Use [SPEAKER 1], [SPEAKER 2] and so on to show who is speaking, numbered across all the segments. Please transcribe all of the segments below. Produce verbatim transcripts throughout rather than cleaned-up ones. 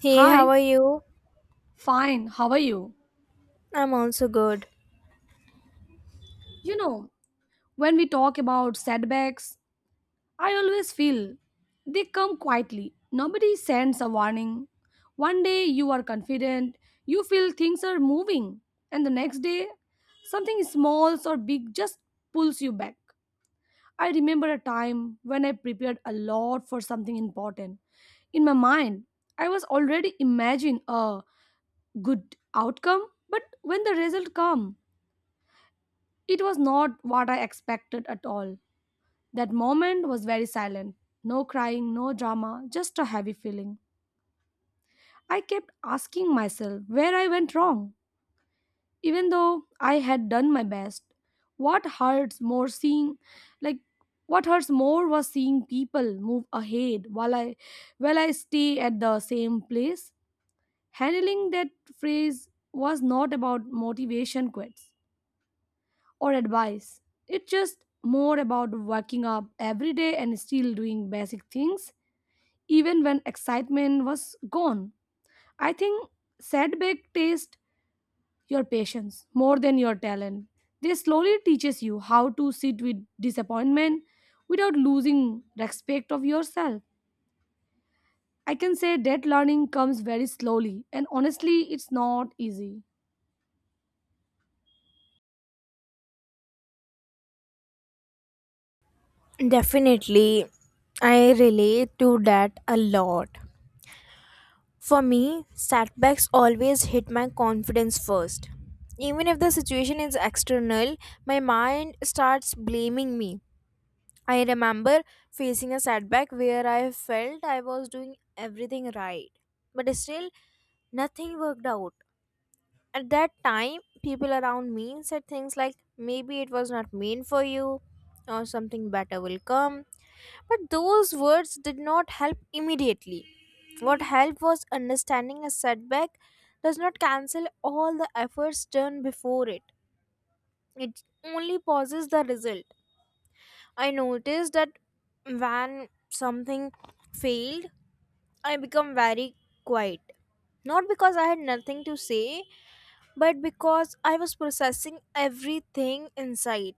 [SPEAKER 1] Hey, how
[SPEAKER 2] Hi,
[SPEAKER 1] are you?
[SPEAKER 2] fine, how are you?
[SPEAKER 1] I'm also good.
[SPEAKER 2] You know, when we talk about setbacks, I always feel they come quietly. Nobody sends a warning. One day you are confident, you feel things are moving, and the next day something small or big just pulls you back. I remember a time when I prepared a lot for something important. In my mind, I was already imagining a good outcome, but when the result come. It was not what I expected at all. That moment was very silent. No crying, no drama, just a heavy feeling. I kept asking myself where I went wrong, even though I had done my best. What hurts more seeing, like, what hurts more was seeing people move ahead while I, while I stay at the same place. Handling that phrase was not about motivation quits. Or advice. It's just more about waking up every day and still doing basic things, even when excitement was gone. I think setback taste your patience more than your talent. They slowly teaches you how to sit with disappointment without losing respect of yourself. I can say that learning comes very slowly and honestly it's not easy.
[SPEAKER 1] Definitely, I relate to that a lot. For me, setbacks always hit my confidence first. Even if the situation is external, my mind starts blaming me. I remember facing a setback where I felt I was doing everything right, but still nothing worked out. At that time, people around me said things like, maybe it was not meant for you, or something better will come. But those words did not help immediately. What helped was understanding a setback does not cancel all the efforts done before it, it only pauses the result. I noticed that when something failed, I become very quiet. Not because I had nothing to say, but because I was processing everything inside.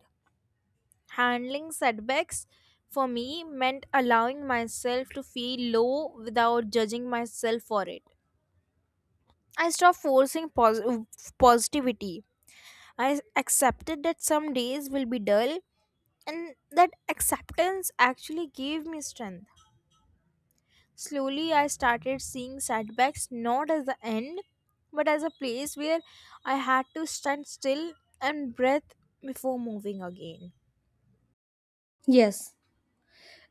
[SPEAKER 1] Handling setbacks for me meant allowing myself to feel low without judging myself for it. I stopped forcing pos- positivity. I accepted that some days will be dull, and that acceptance actually gave me strength. Slowly, I started seeing setbacks not as the end, but as a place where I had to stand still and breathe before moving again.
[SPEAKER 2] Yes,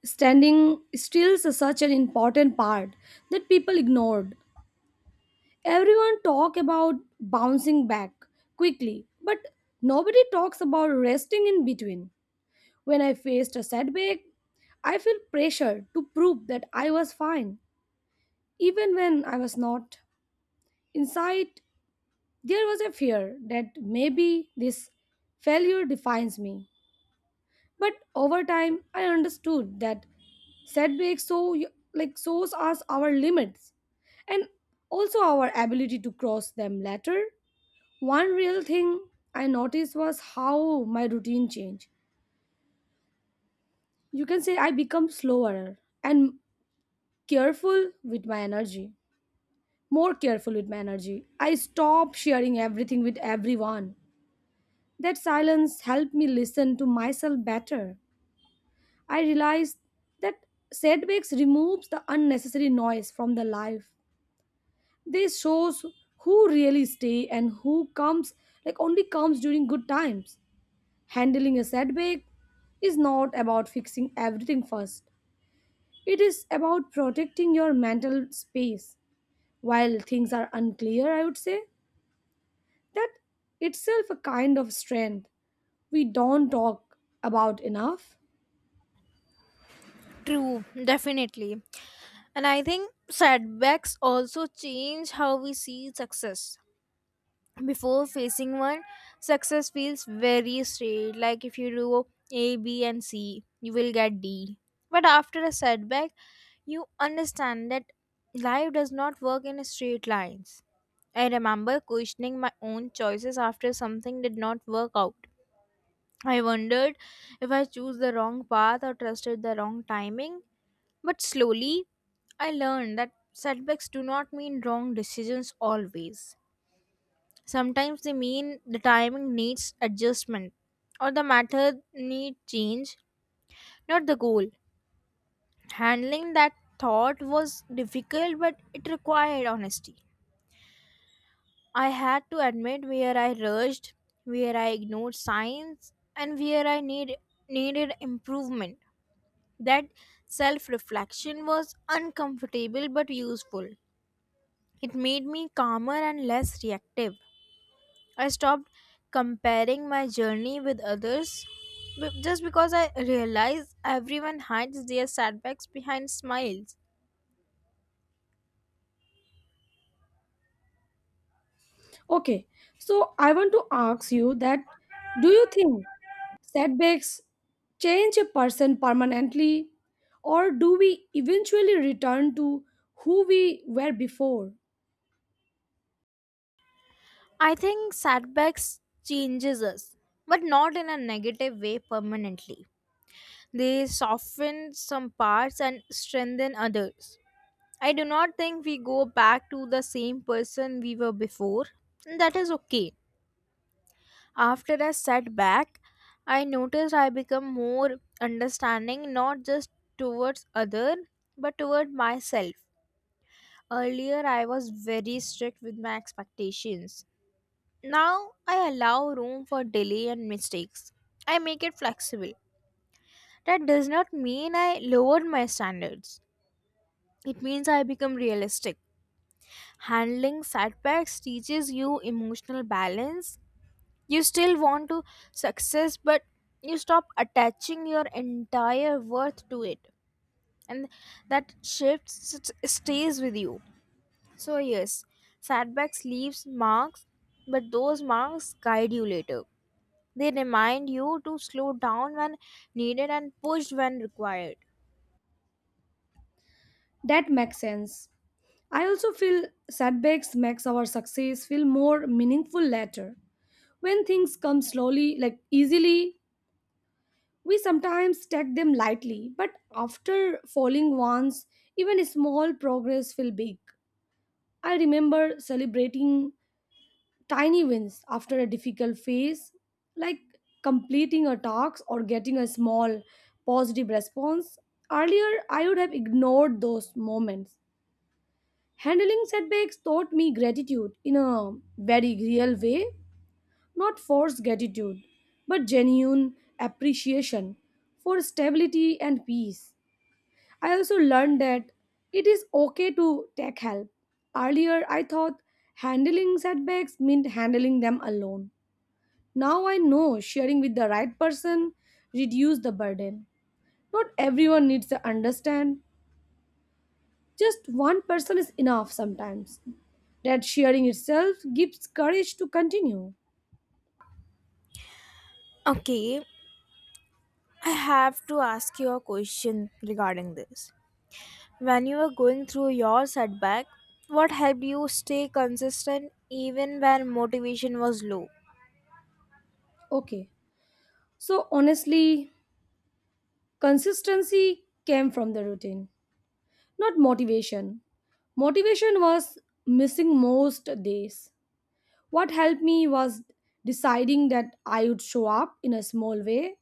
[SPEAKER 2] standing still is such an important part that people ignored. Everyone talk about bouncing back quickly, but nobody talks about resting in between. When I faced a setback, I feel pressure to prove that I was fine, even when I was not. Inside, there was a fear that maybe this failure defines me. But over time, I understood that setbacks so like shows us our limits and also our ability to cross them later. One real thing I noticed was how my routine changed. You can say I become slower and careful with my energy. More careful with my energy. I stop sharing everything with everyone. That silence helped me listen to myself better. I realized that setbacks removes the unnecessary noise from the life. This shows who really stay and who comes like only comes during good times. Handling a setback is not about fixing everything first. It is about protecting your mental space. While things are unclear, I would say that itself a kind of strength we don't talk about enough.
[SPEAKER 1] True, definitely. And I think setbacks also change how we see success. Before facing one, success feels very straight, like if you do A, B and C you will get D. But after a setback you understand that life does not work in straight lines. I remember questioning my own choices after something did not work out. I wondered if I chose the wrong path or trusted the wrong timing, but slowly I learned that setbacks do not mean wrong decisions always. Sometimes they mean the timing needs adjustment or the matter need change, not the goal. Handling that thought was difficult but it required honesty. I had to admit where I rushed, where I ignored signs and where I need needed improvement. That self-reflection was uncomfortable but useful. It made me calmer and less reactive. I stopped comparing my journey with others be- just because I realized everyone hides their setbacks behind smiles.
[SPEAKER 2] Okay, so I want to ask you that do you think setbacks change a person permanently or do we eventually return to who we were before?
[SPEAKER 1] I think setbacks changes us, but not in a negative way permanently. They soften some parts and strengthen others. I do not think we go back to the same person we were before. and That is okay. After a setback, I noticed I become more understanding, not just towards other but toward myself. Earlier I was very strict with my expectations. Now I allow room for delay and mistakes. I make it flexible. That does not mean I lowered my standards. It means I become realistic. Handling setbacks teaches you emotional balance. You still want to success, but you stop attaching your entire worth to it, and that shift s- stays with you. So yes, setbacks leaves marks, but those marks guide you later. They remind you to slow down when needed and push when required.
[SPEAKER 2] That makes sense. I also feel setbacks makes our success feel more meaningful later. When things come slowly, like easily, we sometimes take them lightly, but after falling once, even small progress feel big. I remember celebrating tiny wins after a difficult phase, like completing a task or getting a small positive response. Earlier, I would have ignored those moments. Handling setbacks taught me gratitude in a very real way, not forced gratitude, but genuine appreciation for stability and peace. I also learned that it is okay to take help. Earlier, I thought handling setbacks meant handling them alone. Now I know sharing with the right person reduces the burden. Not everyone needs to understand, just one person is enough sometimes. That sharing itself gives courage to continue.
[SPEAKER 1] Okay, I have to ask you a question regarding this. When you were going through your setback, what helped you stay consistent even when motivation was low?
[SPEAKER 2] Okay, so honestly, consistency came from the routine, not motivation. Motivation was missing most days. What helped me was deciding that I would show up in a small way,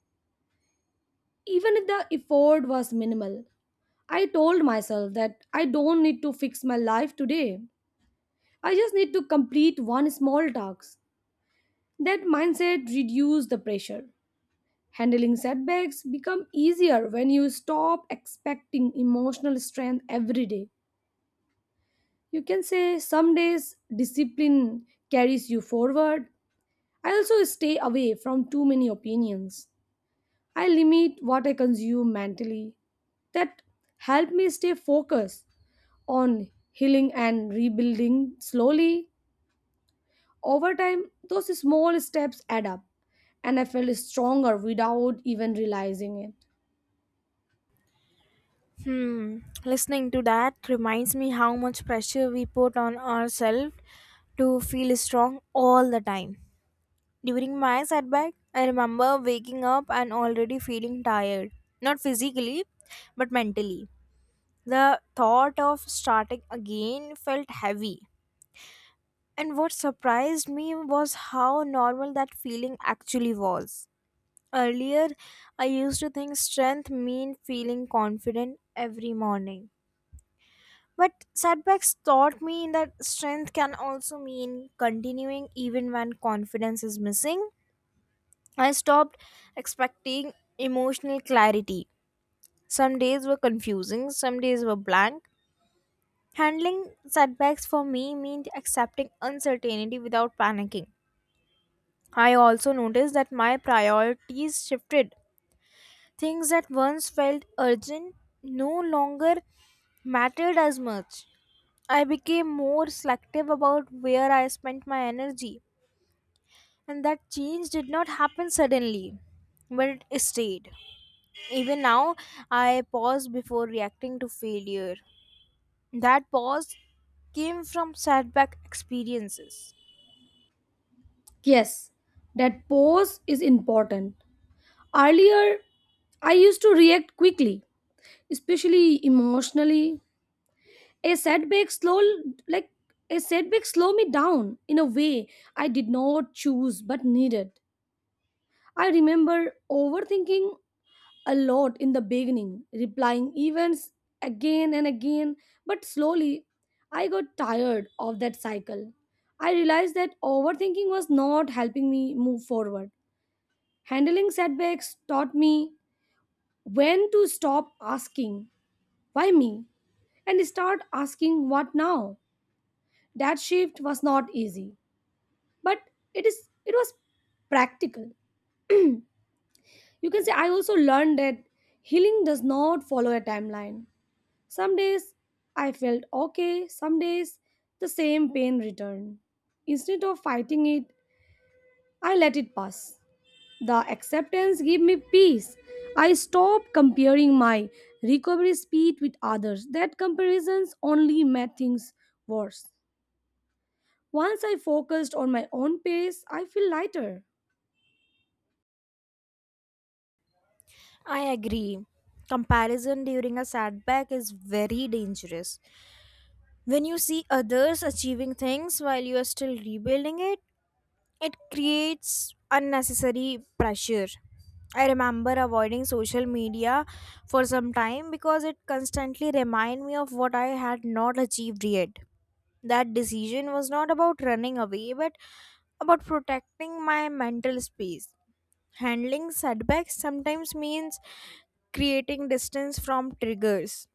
[SPEAKER 2] even if the effort was minimal. I told myself that I don't need to fix my life today. I just need to complete one small task. That mindset reduces the pressure. Handling setbacks become easier when you stop expecting emotional strength every day. You can say some days discipline carries you forward. I also stay away from too many opinions. I limit what I consume mentally. That help me stay focused on healing and rebuilding slowly. Over time, those small steps add up, and I felt stronger without even realizing it.
[SPEAKER 1] Hmm, listening to that reminds me how much pressure we put on ourselves to feel strong all the time. During my setback, I remember waking up and already feeling tired. Not physically, but mentally. The thought of starting again felt heavy. And what surprised me was how normal that feeling actually was. Earlier, I used to think strength meant feeling confident every morning. But setbacks taught me that strength can also mean continuing even when confidence is missing. I stopped expecting emotional clarity. Some days were confusing, some days were blank. Handling setbacks for me meant accepting uncertainty without panicking. I also noticed that my priorities shifted. Things that once felt urgent no longer mattered as much. I became more selective about where I spent my energy, and that change did not happen suddenly, but it stayed. Even now, I pause before reacting to failure. That pause came from setback experiences.
[SPEAKER 2] Yes, that pause is important. Earlier, I used to react quickly, especially emotionally. A setback slow like a setback slow me down in a way I did not choose but needed. I remember overthinking a lot in the beginning, replying events again and again, but slowly I got tired of that cycle. I realized that overthinking was not helping me move forward. Handling setbacks taught me when to stop asking, why me? And start asking what now. That shift was not easy, but it is it was practical. You can say I also learned that healing does not follow a timeline. Some days I felt okay, some days the same pain returned. Instead of fighting it, I let it pass. The acceptance gave me peace. I stopped comparing my recovery speed with others. That comparisons only made things worse. Once I focused on my own pace, I feel lighter.
[SPEAKER 1] I agree. Comparison during a setback is very dangerous. When you see others achieving things while you are still rebuilding it, it creates unnecessary pressure. I remember avoiding social media for some time because it constantly reminded me of what I had not achieved yet. That decision was not about running away but about protecting my mental space. Handling setbacks sometimes means creating distance from triggers.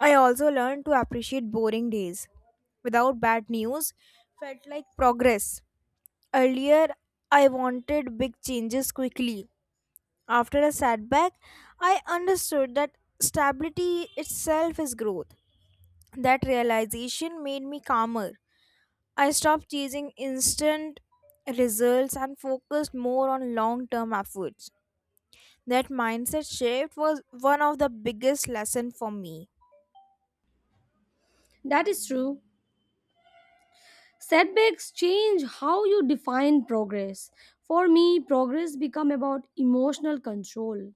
[SPEAKER 1] I also learned to appreciate boring days. Without bad news, felt like progress. Earlier, I wanted big changes quickly. After a setback, I understood that stability itself is growth. That realization made me calmer. I stopped chasing instant results and focused more on long term efforts. That mindset shift was one of the biggest lesson for me.
[SPEAKER 2] That is true. Setbacks change how you define progress. For me, progress become about emotional control.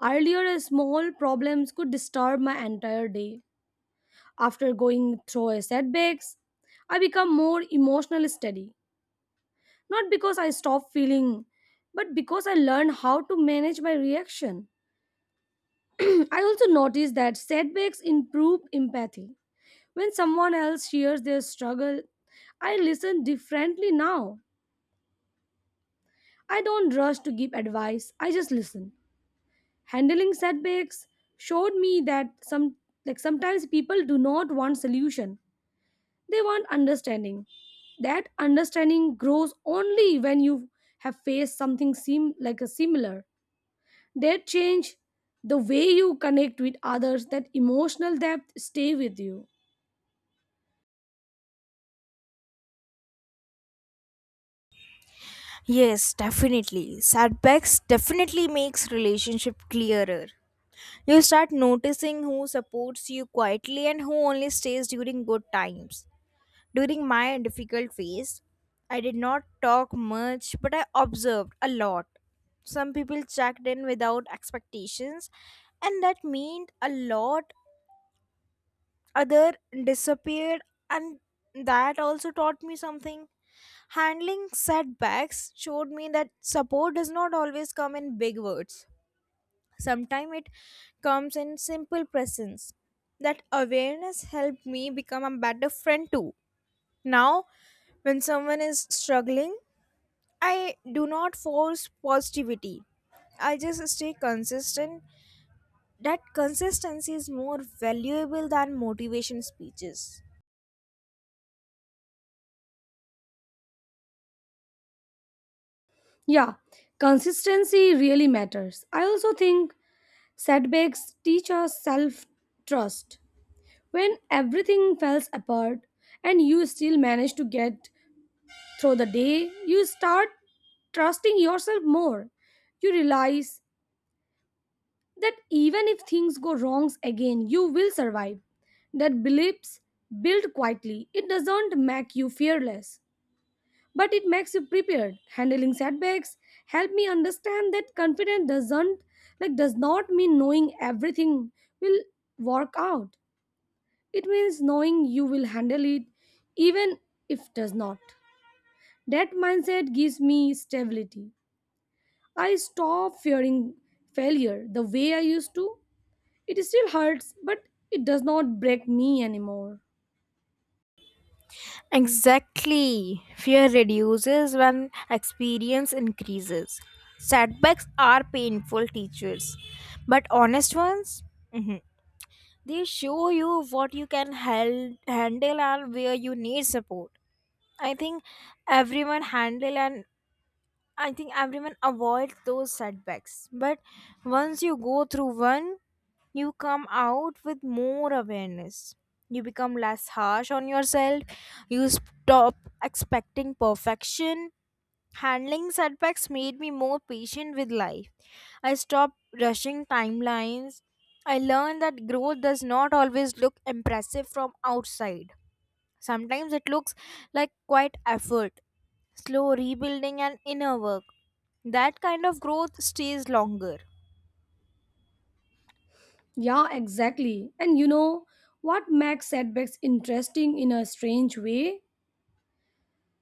[SPEAKER 2] Earlier, a small problems could disturb my entire day. After going through a setbacks, I become more emotionally steady. Not because I stop feeling, but because I learn how to manage my reaction. I also noticed that setbacks improve empathy. When someone else shares their struggle, I listen differently now. I don't rush to give advice, I just listen. Handling setbacks showed me that some like sometimes people do not want solution, they want understanding. That understanding grows only when you have faced something seem like a similar. That change the way you connect with others. That emotional depth stay with you.
[SPEAKER 1] Yes, definitely. Setbacks definitely makes relationship clearer. You start noticing who supports you quietly and who only stays during good times. During my difficult phase, I did not talk much, but I observed a lot. Some people checked in without expectations, and that meant a lot. Other disappeared, and that also taught me something. Handling setbacks showed me that support does not always come in big words, sometimes it comes in simple presence. That awareness helped me become a better friend too. Now when someone is struggling, I do not force positivity, I just stay consistent. That consistency is more valuable than motivation speeches.
[SPEAKER 2] Yeah, consistency really matters. I also think setbacks teach us self trust. When everything falls apart and you still manage to get through the day, you start trusting yourself more. You realize that even if things go wrongs again, you will survive. That beliefs build quietly. It doesn't make you fearless, but it makes you prepared. Handling setbacks help me understand that confidence doesn't like does not mean knowing everything will work out. It means knowing you will handle it even if it does not. That mindset gives me stability. I stopped fearing failure the way I used to. It still hurts, but it does not break me anymore.
[SPEAKER 1] Exactly. Fear reduces when experience increases. Setbacks are painful teachers, but honest ones, mhm, they show you what you can hel- handle and where you need support. I think everyone handle and I think everyone avoids those setbacks, but once you go through one, you come out with more awareness. You become less harsh on yourself. You stop expecting perfection. Handling setbacks made me more patient with life. I stopped rushing timelines. I learned that growth does not always look impressive from outside. Sometimes it looks like quite effort, slow rebuilding and inner work. That kind of growth stays longer.
[SPEAKER 2] Yeah, exactly. And you know what makes setbacks interesting in a strange way?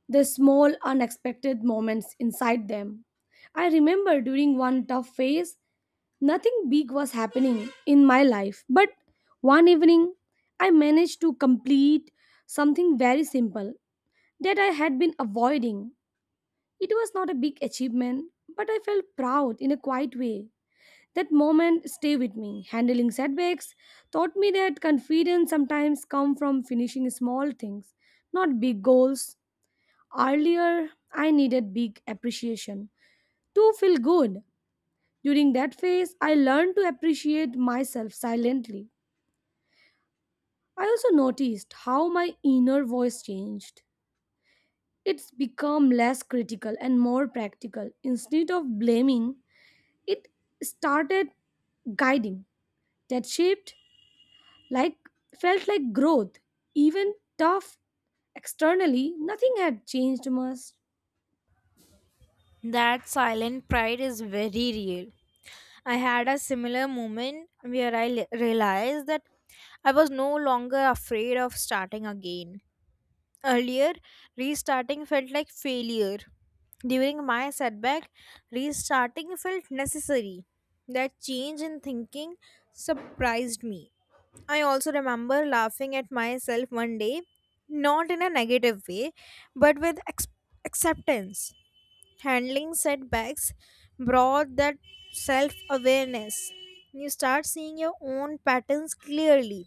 [SPEAKER 2] The small, unexpected moments inside them. I remember during one tough phase, nothing big was happening in my life, but one evening, I managed to complete something very simple that I had been avoiding. It was not a big achievement, but I felt proud in a quiet way. That moment stay with me. Handling setbacks taught me that confidence sometimes come from finishing small things, not big goals. Earlier, I needed big appreciation to feel good. During that phase, I learned to appreciate myself silently. I also noticed how my inner voice changed. It's become less critical and more practical. Instead of blaming, it started guiding. That shaped like Felt like growth even tough externally nothing had changed much.
[SPEAKER 1] That silent pride is very real. I had a similar moment where I le- realized that I was no longer afraid of starting again. Earlier, restarting felt like failure. During my setback, restarting felt necessary. That change in thinking surprised me. I also remember laughing at myself one day, not in a negative way, but with ex- acceptance. Handling setbacks brought that self awareness. You start seeing your own patterns clearly.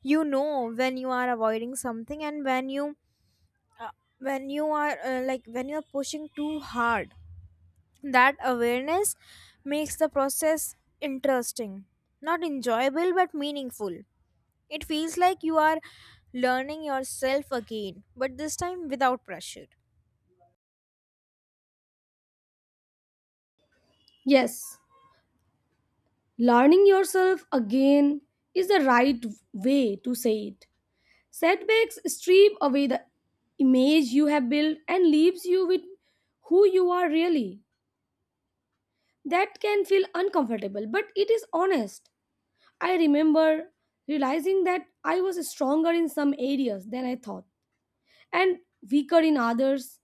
[SPEAKER 1] You know when you are avoiding something and when you when you are uh, like when you are pushing too hard. That awareness makes the process interesting, not enjoyable but meaningful. It feels like you are learning yourself again, but this time without pressure.
[SPEAKER 2] Yes, learning yourself again is the right way to say it. Setbacks strip away the image you have built and leaves you with who you are really. That can feel uncomfortable but it is honest. I remember realizing that I was stronger in some areas than I thought and weaker in others.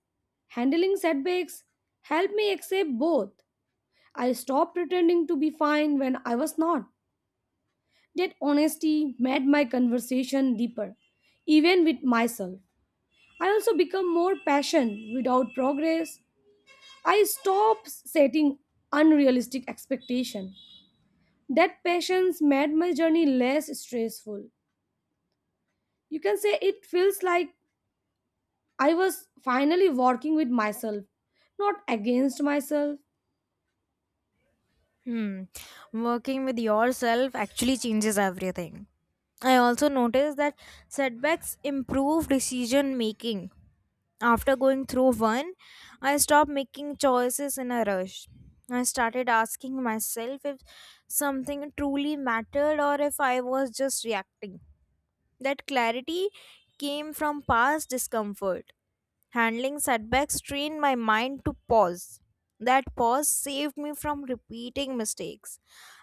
[SPEAKER 2] Handling setbacks helped me accept both. I stopped pretending to be fine when I was not. That honesty made my conversation deeper, even with myself. I also become more passionate without progress. I stopped setting unrealistic expectations. That patience made my journey less stressful. You can say it feels like I was finally working with myself, not against myself.
[SPEAKER 1] Hmm. Working with yourself actually changes everything. I also noticed that setbacks improve decision making. After going through one, I stopped making choices in a rush. I started asking myself if something truly mattered or if I was just reacting. That clarity came from past discomfort. Handling setbacks trained my mind to pause. That pause saved me from repeating mistakes.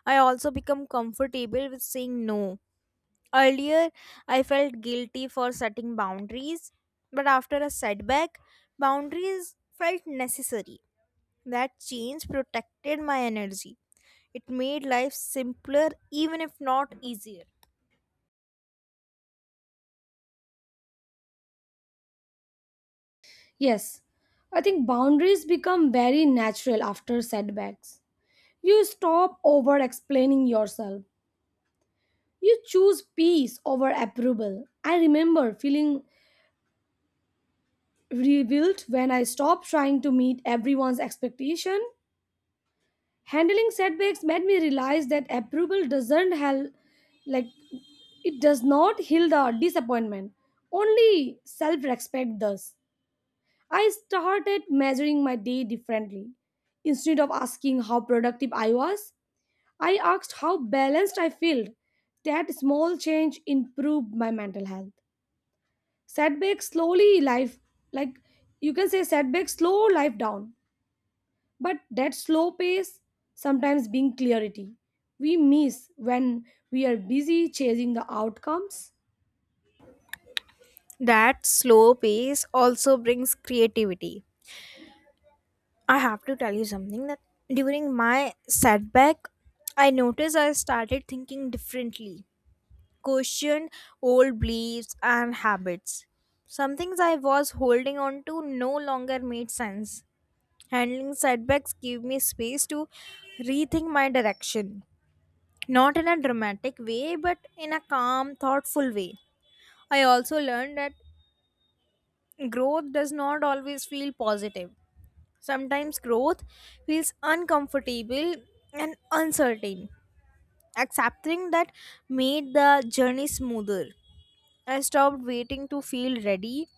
[SPEAKER 1] I also become comfortable with saying no. Earlier, I felt guilty for setting boundaries, but after a setback, boundaries felt necessary. That change protected my energy. It made life simpler, even if not easier.
[SPEAKER 2] Yes, I think boundaries become very natural after setbacks. You stop over explaining yourself. You choose peace over approval. I remember feeling rebuilt when I stopped trying to meet everyone's expectation. Handling setbacks made me realize that approval doesn't help like it does not heal the disappointment, only self-respect does. I started measuring my day differently. Instead of asking how productive I was, I asked how balanced I felt. That small change improved my mental health. Setbacks slowly life like You can say setbacks slow life down, but that slow pace sometimes being clarity we miss when we are busy chasing the outcomes.
[SPEAKER 1] That slow pace also brings creativity. I have to tell you something that during my setback, I noticed I started thinking differently, questioned old beliefs and habits. Some things I was holding on to no longer made sense. Handling setbacks gave me space to rethink my direction, not in a dramatic way, but in a calm, thoughtful way. I also learned that growth does not always feel positive. Sometimes growth feels uncomfortable and uncertain. Accepting that made the journey smoother. I stopped waiting to feel ready.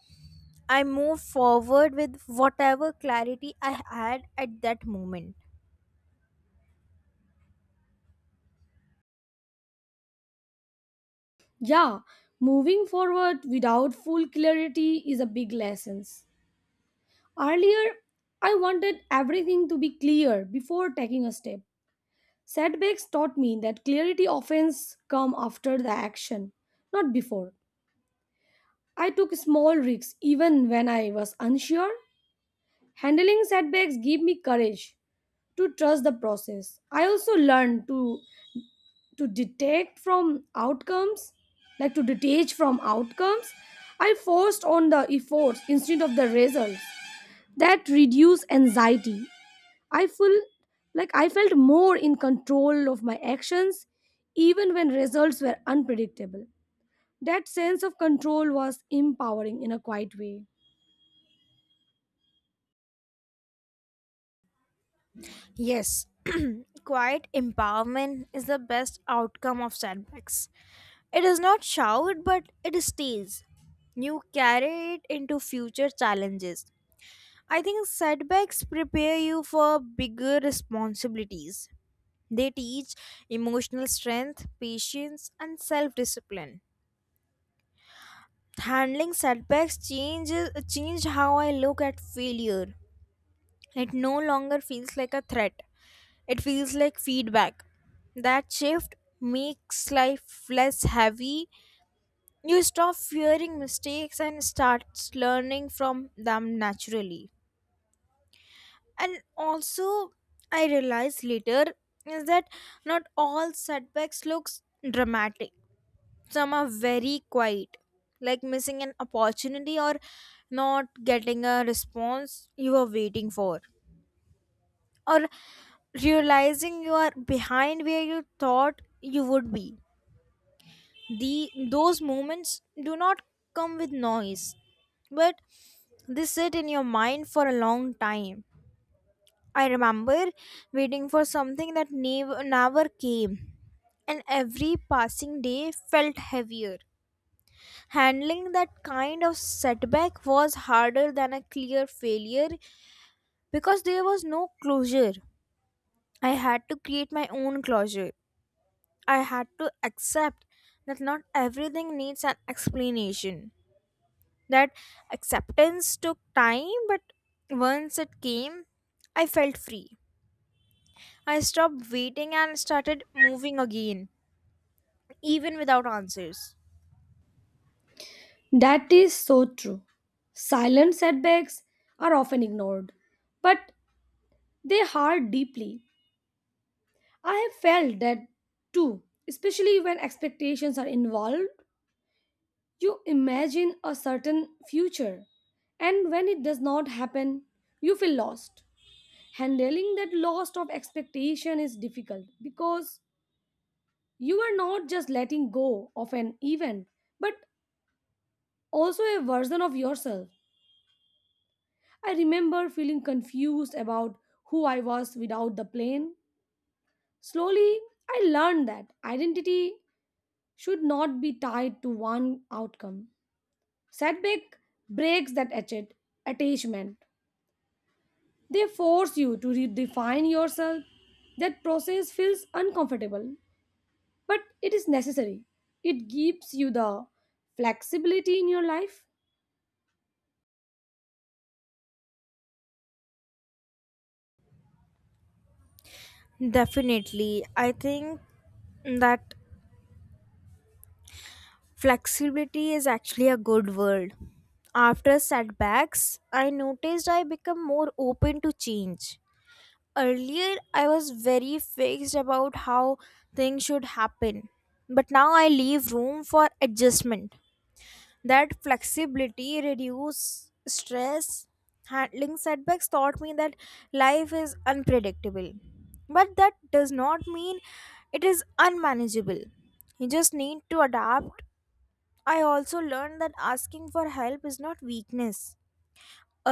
[SPEAKER 1] I moved forward with whatever clarity I had at that moment.
[SPEAKER 2] Yeah, moving forward without full clarity is a big lesson. Earlier, I wanted everything to be clear before taking a step. Setbacks taught me that clarity often come after the action, not before. I took small risks even when I was unsure. Handling setbacks gave me courage to trust the process. I also learned to to detect from outcomes, like to detach from outcomes. I forced on the efforts instead of the results. That reduced anxiety. I feel like I felt more in control of my actions, even when results were unpredictable. That sense of control was empowering in a quiet way.
[SPEAKER 1] Yes, quiet empowerment is the best outcome of setbacks. It does not shout, but it stays. You carry it into future challenges. I think setbacks prepare you for bigger responsibilities. They teach emotional strength, patience, and self discipline. Handling setbacks changes change how I look at failure. It no longer feels like a threat. It feels like feedback. That shift makes life less heavy. You stop fearing mistakes and start learning from them naturally. And also, I realized later is that not all setbacks looks dramatic. Some are very quiet, like missing an opportunity, or not getting a response you were waiting for, or realizing you are behind where you thought you would be. The Those moments do not come with noise, but they sit in your mind for a long time. I remember waiting for something that never, never came, and every passing day felt heavier. Handling that kind of setback was harder than a clear failure because there was no closure. I had to create my own closure. I had to accept that not everything needs an explanation. That acceptance took time, but once it came, I felt free. I stopped waiting and started moving again, even without answers.
[SPEAKER 2] That is so true. Silent setbacks are often ignored, but they hurt deeply. I have felt that too, especially when expectations are involved. You imagine a certain future, and when it does not happen, you feel lost. Handling that loss of expectation is difficult because you are not just letting go of an event, but also a version of yourself. I remember feeling confused about who I was without the plane. Slowly, I learned that identity should not be tied to one outcome. Setback breaks that attach- attachment. They force you to redefine yourself. That process feels uncomfortable, but it is necessary. It gives you the flexibility in your life.
[SPEAKER 1] Definitely. I think that flexibility is actually a good word. After setbacks, I noticed I become more open to change. Earlier, I was very fixed about how things should happen, but now I leave room for adjustment. That flexibility reduce stress. Handling setbacks taught me that life is unpredictable, but that does not mean it is unmanageable. You just need to adapt. I also learned that asking for help is not weakness.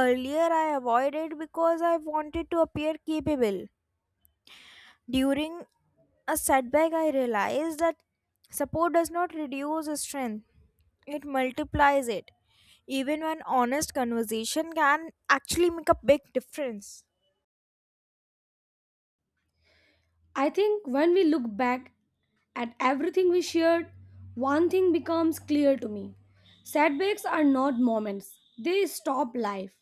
[SPEAKER 1] Earlier I avoided because I wanted to appear capable. During a setback, I realized that support does not reduce strength, it multiplies it. Even one honest conversation can actually make a big difference.
[SPEAKER 2] I think when we look back at everything we shared, one thing becomes clear to me. Setbacks are not moments, they stop life.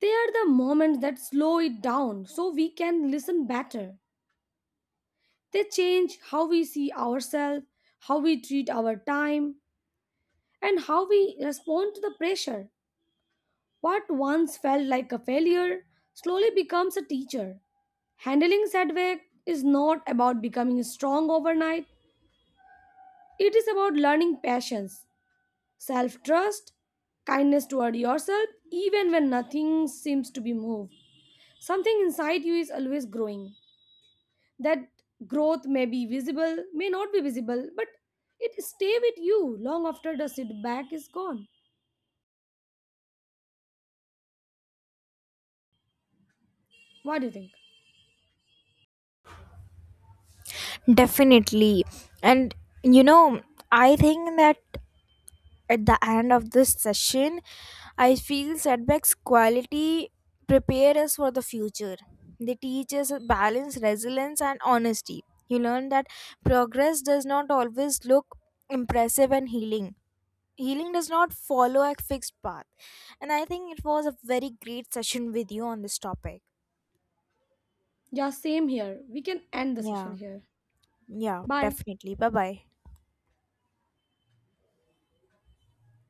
[SPEAKER 2] They are the moments that slow it down so we can listen better. They change how we see ourselves, how we treat our time, and how we respond to the pressure. What once felt like a failure slowly becomes a teacher. Handling setback is not about becoming strong overnight, it is about learning patience, self trust, kindness toward yourself, even when nothing seems to be moved. Something inside you is always growing. That growth may be visible may not be visible, but it stay with you long after the setback is gone. What do you think?
[SPEAKER 1] Definitely. And you know, I think that at the end of this session, I feel setbacks quality prepare us for the future. They teach us balance, resilience, and honesty. You learn that progress does not always look impressive and healing. Healing does not follow a fixed path. And I think it was a very great session with you on this topic.
[SPEAKER 2] Yeah, same here, we can end the session
[SPEAKER 1] Yeah,
[SPEAKER 2] here.
[SPEAKER 1] yeah,
[SPEAKER 2] Bye.
[SPEAKER 1] definitely. Bye bye.